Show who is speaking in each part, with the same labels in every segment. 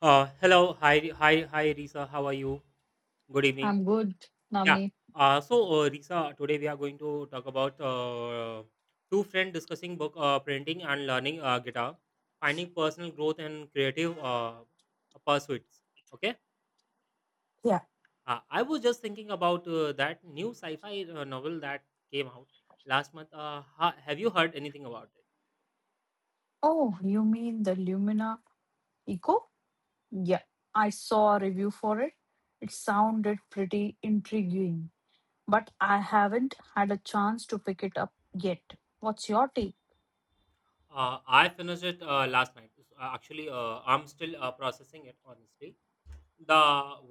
Speaker 1: Hello, hi, hi, hi, Risa. How are you? Good evening.
Speaker 2: I'm good,
Speaker 1: Yeah.
Speaker 2: Namni.
Speaker 1: Risa, today we are going to talk about two friends discussing book printing and learning guitar, finding personal growth and creative pursuits. Okay.
Speaker 2: Yeah.
Speaker 1: I was just thinking about that new sci-fi novel that came out last month. Have you heard anything about it?
Speaker 2: Oh, you mean the Lumina Eco? Yeah. I saw a review for it. It sounded pretty intriguing, but I haven't had a chance to pick it up yet. What's your take?
Speaker 1: I finished it last night. Actually, I'm still processing it, honestly. The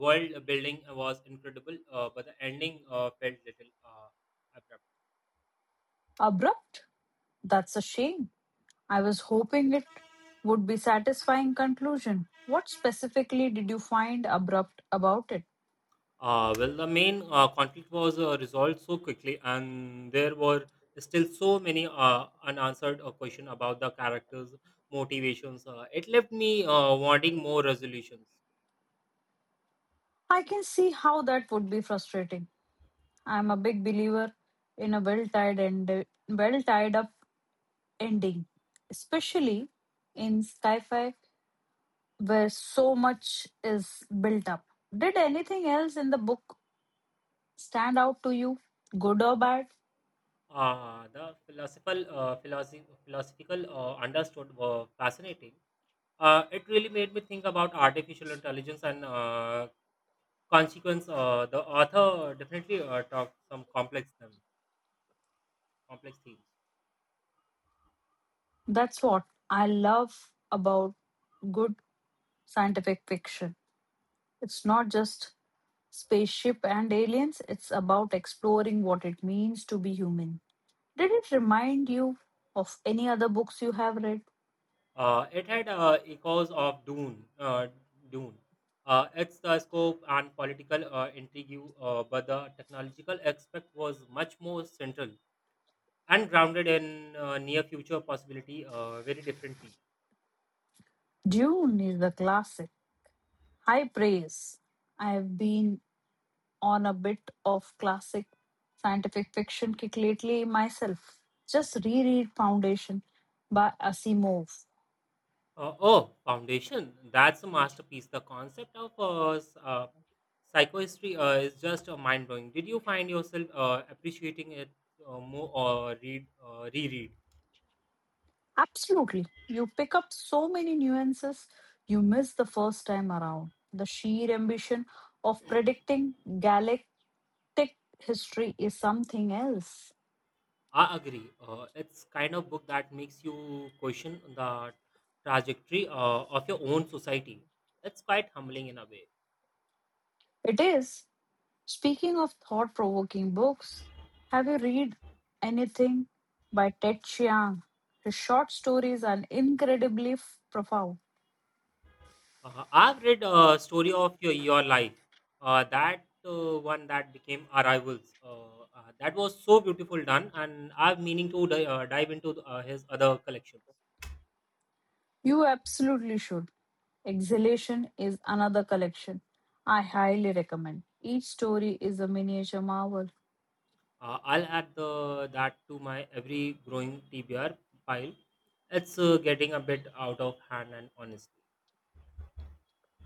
Speaker 1: world building was incredible, but the ending felt little abrupt.
Speaker 2: Abrupt?
Speaker 1: Yeah.
Speaker 2: That's a shame. I was hoping it would be satisfying conclusion. What specifically did you find abrupt about it?
Speaker 1: Well, the main conflict was resolved so quickly, and there were still so many unanswered questions about the characters' motivations. It left me wanting more resolutions.
Speaker 2: I can see how that would be frustrating. I'm a big believer in a well tied and well tied up ending, especially in sci-fi where so much is built up. Did anything else in the book stand out to you, good or bad?
Speaker 1: The philosophical understood were fascinating. It really made me think about artificial intelligence and consequence, the author definitely talked some complex themes.
Speaker 2: That's what I love about good scientific fiction. It's not just spaceship and aliens, it's about exploring what it means to be human. Did it remind you of any other books you have read?
Speaker 1: It had echoes of Dune. Dune. Its scope and political intrigue, but the technological aspect was much more central and grounded in near future possibility very differently.
Speaker 2: June is the classic. High praise. I've been on a bit of classic scientific fiction kick lately myself. Just reread Foundation by Asimov.
Speaker 1: Oh, Foundation. That's a masterpiece. The concept of Psychohistory is just mind blowing. Did you find yourself appreciating it more or read reread?
Speaker 2: Absolutely. You pick up so many nuances you miss the first time around. The sheer ambition of predicting galactic history is something else.
Speaker 1: I agree. It's kind of book that makes you question the trajectory of your own society. It's quite humbling in a way.
Speaker 2: It is. Speaking of thought provoking books, have you read anything by Ted Chiang? His short stories are incredibly profound.
Speaker 1: I've read story of your life. That one that became Arrivals. That was so beautiful done, and I'm meaning to dive into his other collections.
Speaker 2: You absolutely should. Exhalation is another collection I highly recommend. Each story is a miniature marvel.
Speaker 1: I'll add that to my every growing TBR pile. It's getting a bit out of hand, and honestly,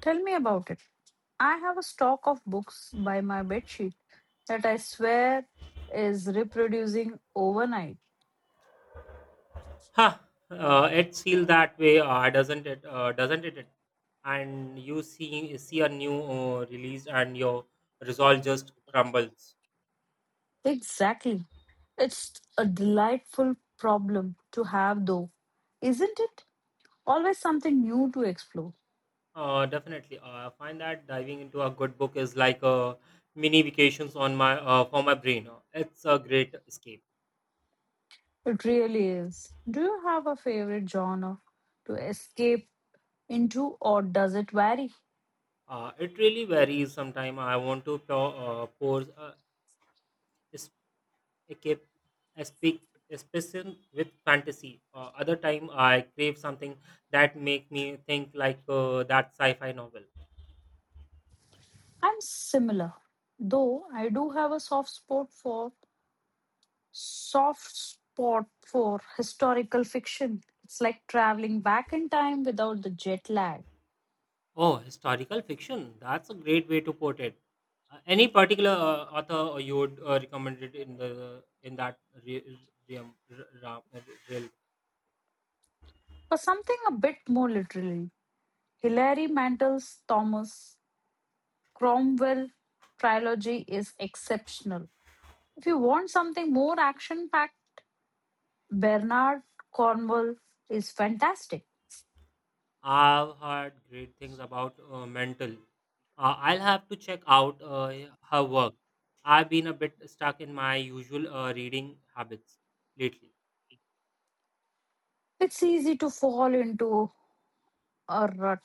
Speaker 2: Tell me about it. I have a stock of books by my bedsheet that I swear is reproducing overnight.
Speaker 1: ha, it's feel that way, doesn't it? And you see a new release, and your resolve just crumbles.
Speaker 2: Exactly. It's a delightful problem to have, though, isn't it? Always something new to explore.
Speaker 1: Definitely, I find that diving into a good book is like a mini vacations on my for my brain. It's a great escape.
Speaker 2: It really is. Do you have a favorite genre to escape into, or does it vary?
Speaker 1: It really varies. Sometimes I want to pour, pour I keep I speak especially with fantasy. Other time I crave something that make me think like that sci-fi novel.
Speaker 2: I'm similar, though I do have a soft spot for historical fiction. It's like traveling back in time without the jet lag,
Speaker 1: Oh, historical fiction. That's a great way to put it. Any particular author you would recommend it in that re- realm? ra- realm?
Speaker 2: or something a bit more literary. Hilary Mantel's Thomas Cromwell trilogy is exceptional. If you want something more action packed, Bernard Cornwell is fantastic.
Speaker 1: I've heard great things about Mental. I'll have to check out her work. I've been a bit stuck in my usual reading habits lately.
Speaker 2: It's easy to fall into a rut.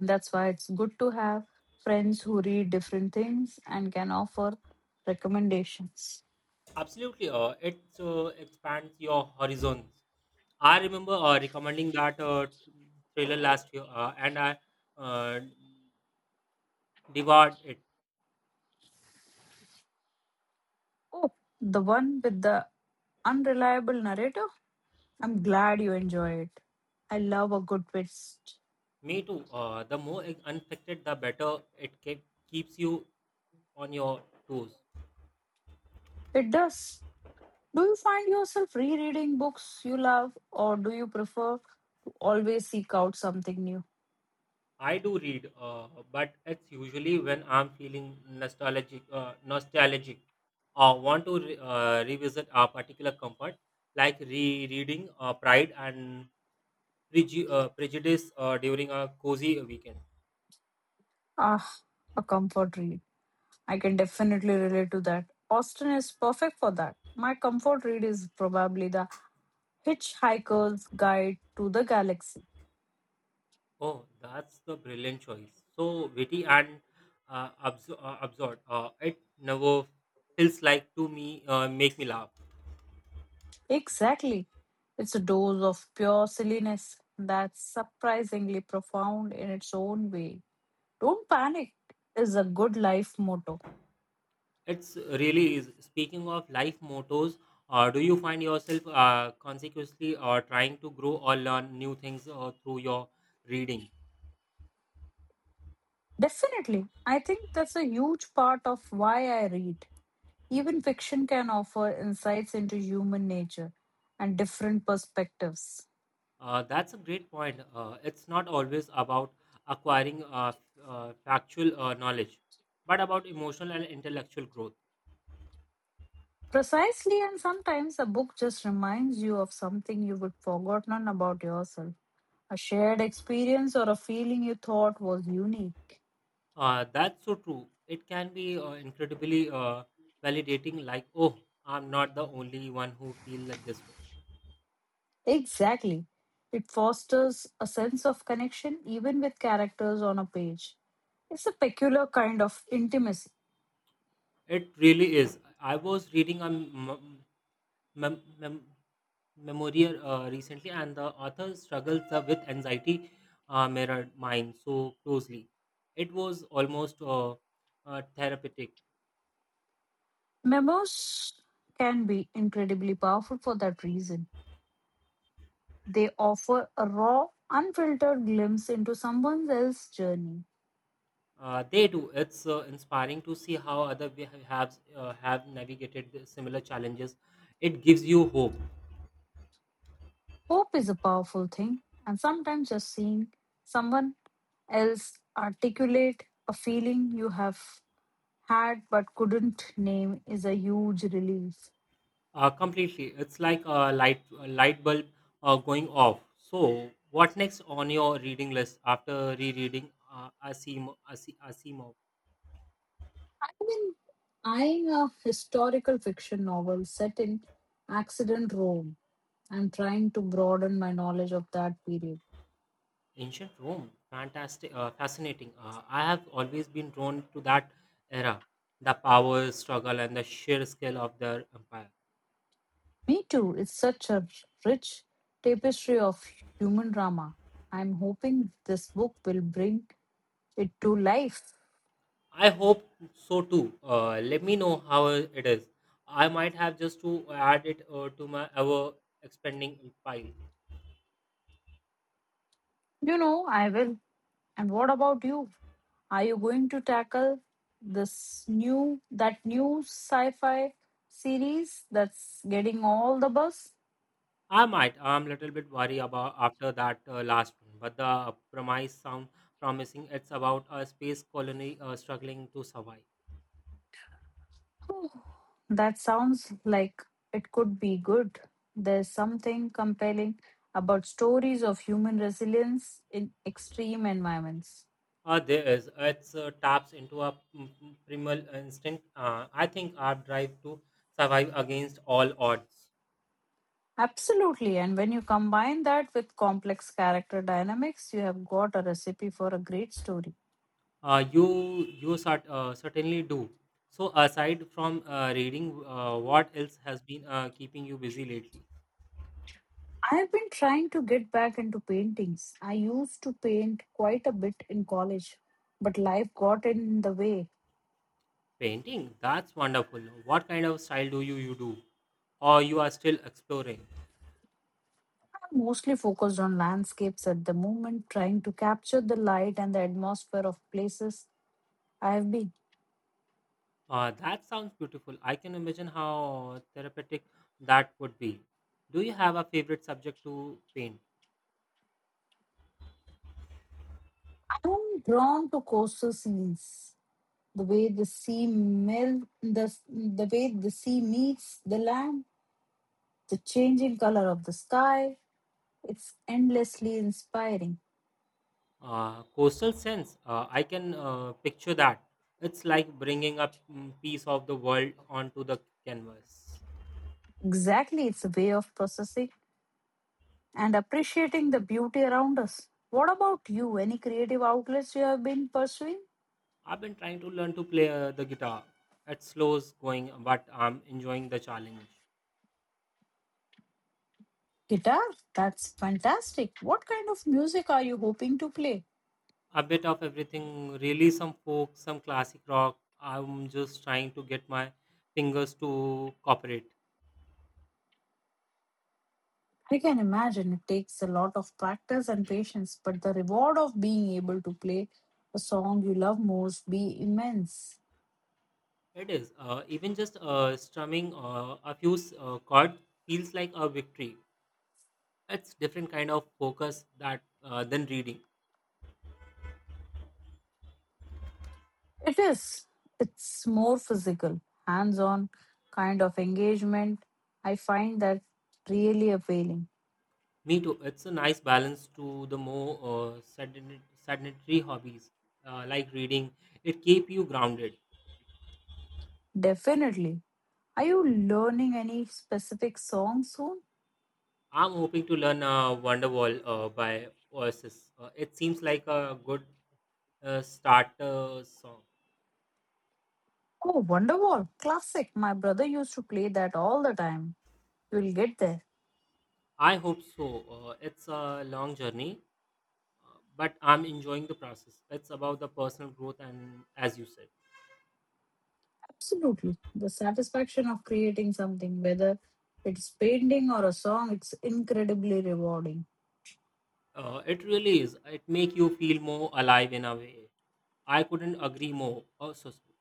Speaker 2: That's why it's good to have friends who read different things and can offer recommendations.
Speaker 1: Absolutely, it expands your horizons. I remember recommending that trailer last year, and I uh, devoured it.
Speaker 2: Oh, the one with the unreliable narrator? I'm glad you enjoy it. I love a good twist.
Speaker 1: Me too. The more unexpected, the better it keeps you on your toes.
Speaker 2: It does. Do you find yourself rereading books you love, or do you prefer to always seek out something new?
Speaker 1: I do read, but it's usually when I'm feeling nostalgic, or want to revisit a particular comfort, like rereading Pride and Preju prejudice during a cozy weekend.
Speaker 2: Ah, a comfort read. I can definitely relate to that. Austin is perfect for that. My comfort read is probably the Hitchhiker's Guide to the Galaxy.
Speaker 1: Oh, that's the brilliant choice. So witty and absurd. It never feels like to me make me laugh.
Speaker 2: Exactly. It's a dose of pure silliness that's surprisingly profound in its own way. Don't panic is a good life motto.
Speaker 1: It's really is. Speaking of life mottos, do you find yourself consequently trying to grow or learn new things through your reading?
Speaker 2: Definitely. I think that's a huge part of why I read. Even fiction can offer insights into human nature and different perspectives.
Speaker 1: That's a great point. It's not always about acquiring factual knowledge, but about emotional and intellectual growth.
Speaker 2: Precisely, and sometimes a book just reminds you of something you would forgotten about yourself, a shared experience or a feeling you thought was unique.
Speaker 1: That's so true. It can be incredibly validating, like, oh, I'm not the only one who feel like this way.
Speaker 2: Exactly. It fosters a sense of connection even with characters on a page. It's a peculiar kind of intimacy.
Speaker 1: It really is. I was reading a mem- mem- memoir recently, and the author struggles with anxiety mirrored mine so closely. It was almost therapeutic.
Speaker 2: Memos can be incredibly powerful for that reason. They offer a raw, unfiltered glimpse into someone else's journey.
Speaker 1: They do. It's inspiring to see how other we have navigated the similar challenges. It gives you hope.
Speaker 2: Hope is a powerful thing, and sometimes just seeing someone else articulate a feeling you have had but couldn't name is a huge relief.
Speaker 1: Completely. It's like a light bulb going off. So, what next on your reading list after rereading Asimov?
Speaker 2: I've been eyeing a historical fiction novel set in accident Rome. I'm trying to broaden my knowledge of that period.
Speaker 1: Ancient Rome, fantastic, fascinating. I have always been drawn to that era, the power struggle and the sheer scale of their empire.
Speaker 2: Me too. It's such a rich tapestry of human drama. I'm hoping this book will bring it to life.
Speaker 1: I hope so too. Let me know how it is. I might have just to add it to my ever expanding pile.
Speaker 2: You know, I will. And what about you? Are you going to tackle this new that new sci-fi series that's getting all the buzz?
Speaker 1: I might. I'm a little bit worried about after that last one, but the premise sound promising. It's about a space colony struggling to survive.
Speaker 2: Oh, that sounds like it could be good. There's something compelling about stories of human resilience in extreme environments.
Speaker 1: There is. It's taps into a primal instinct. I think our drive to survive against all odds.
Speaker 2: Absolutely. And when you combine that with complex character dynamics, you have got a recipe for a great story.
Speaker 1: Uh, you you certainly do. So aside from reading, what else has been keeping you busy lately?
Speaker 2: I have been trying to get back into paintings. I used to paint quite a bit in college, but life got in the way.
Speaker 1: Painting? That's wonderful. What kind of style do you do? Or you are still exploring?
Speaker 2: I'm mostly focused on landscapes at the moment, trying to capture the light and the atmosphere of places I have been.
Speaker 1: That sounds beautiful. I can imagine how therapeutic that would be. Do you have a favorite subject to paint?
Speaker 2: I'm drawn to coastal scenes, the way the sea meets the land the changing color of the sky. It's endlessly inspiring.
Speaker 1: Coastal sense. I can picture that. It's like bringing a piece of the world onto the canvas.
Speaker 2: Exactly, it's a way of processing and appreciating the beauty around us. What about you? Any creative outlets you have been pursuing?
Speaker 1: I've been trying to learn to play the guitar. It slows going, but I'm enjoying the challenge.
Speaker 2: Guitar? That's fantastic. What kind of music are you hoping to play?
Speaker 1: A bit of everything, really. Some folk, some classic rock. I'm just trying to get my fingers to cooperate.
Speaker 2: I can imagine it takes a lot of practice and patience, but the reward of being able to play a song you love most be immense.
Speaker 1: It is, even just strumming a few chords feels like a victory. It's different kind of focus that than reading.
Speaker 2: It is. It's more physical, hands on kind of engagement. I find that really appealing.
Speaker 1: Me too. It's a nice balance to the more sedentary hobbies like reading. It keep you grounded.
Speaker 2: Definitely. Are you learning any specific song soon?
Speaker 1: I'm hoping to learn Wonderwall by Oasis. It seems like a good starter song.
Speaker 2: Oh, Wonderwall. Classic. My brother used to play that all the time. You'll get there.
Speaker 1: I hope so. It's a long journey, but I'm enjoying the process. It's about the personal growth, and as you said,
Speaker 2: Absolutely. The satisfaction of creating something, whether it's painting or a song, it's incredibly rewarding.
Speaker 1: it really is. It make you feel more alive in a way. I couldn't agree more. Oh, so sorry.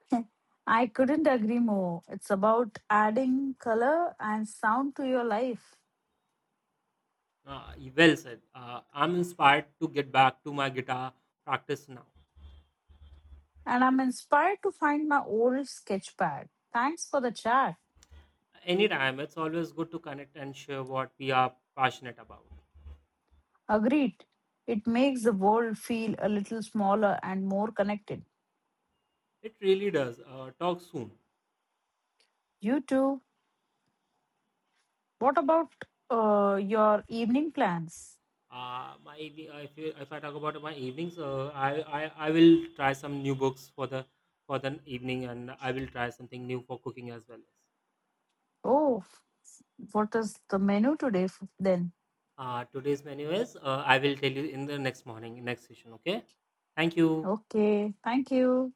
Speaker 2: I couldn't agree more. It's about adding color and sound to your life.
Speaker 1: Well said. I'm inspired to get back to my guitar practice now.
Speaker 2: And I'm inspired to find my old sketch pad. Thanks for the chat.
Speaker 1: Anytime, it's always good to connect and share what we are passionate about.
Speaker 2: Agreed. It makes the world feel a little smaller and more connected.
Speaker 1: It really does. Talk soon.
Speaker 2: You too. What about your evening plans?
Speaker 1: My evening, if, you, if I talk about my evenings, I will try some new books for the evening, and I will try something new for cooking as well.
Speaker 2: Oh, what is the menu today then?
Speaker 1: Today's menu is I will tell you in the next morning, next session. Okay. Thank you.
Speaker 2: Okay, thank you.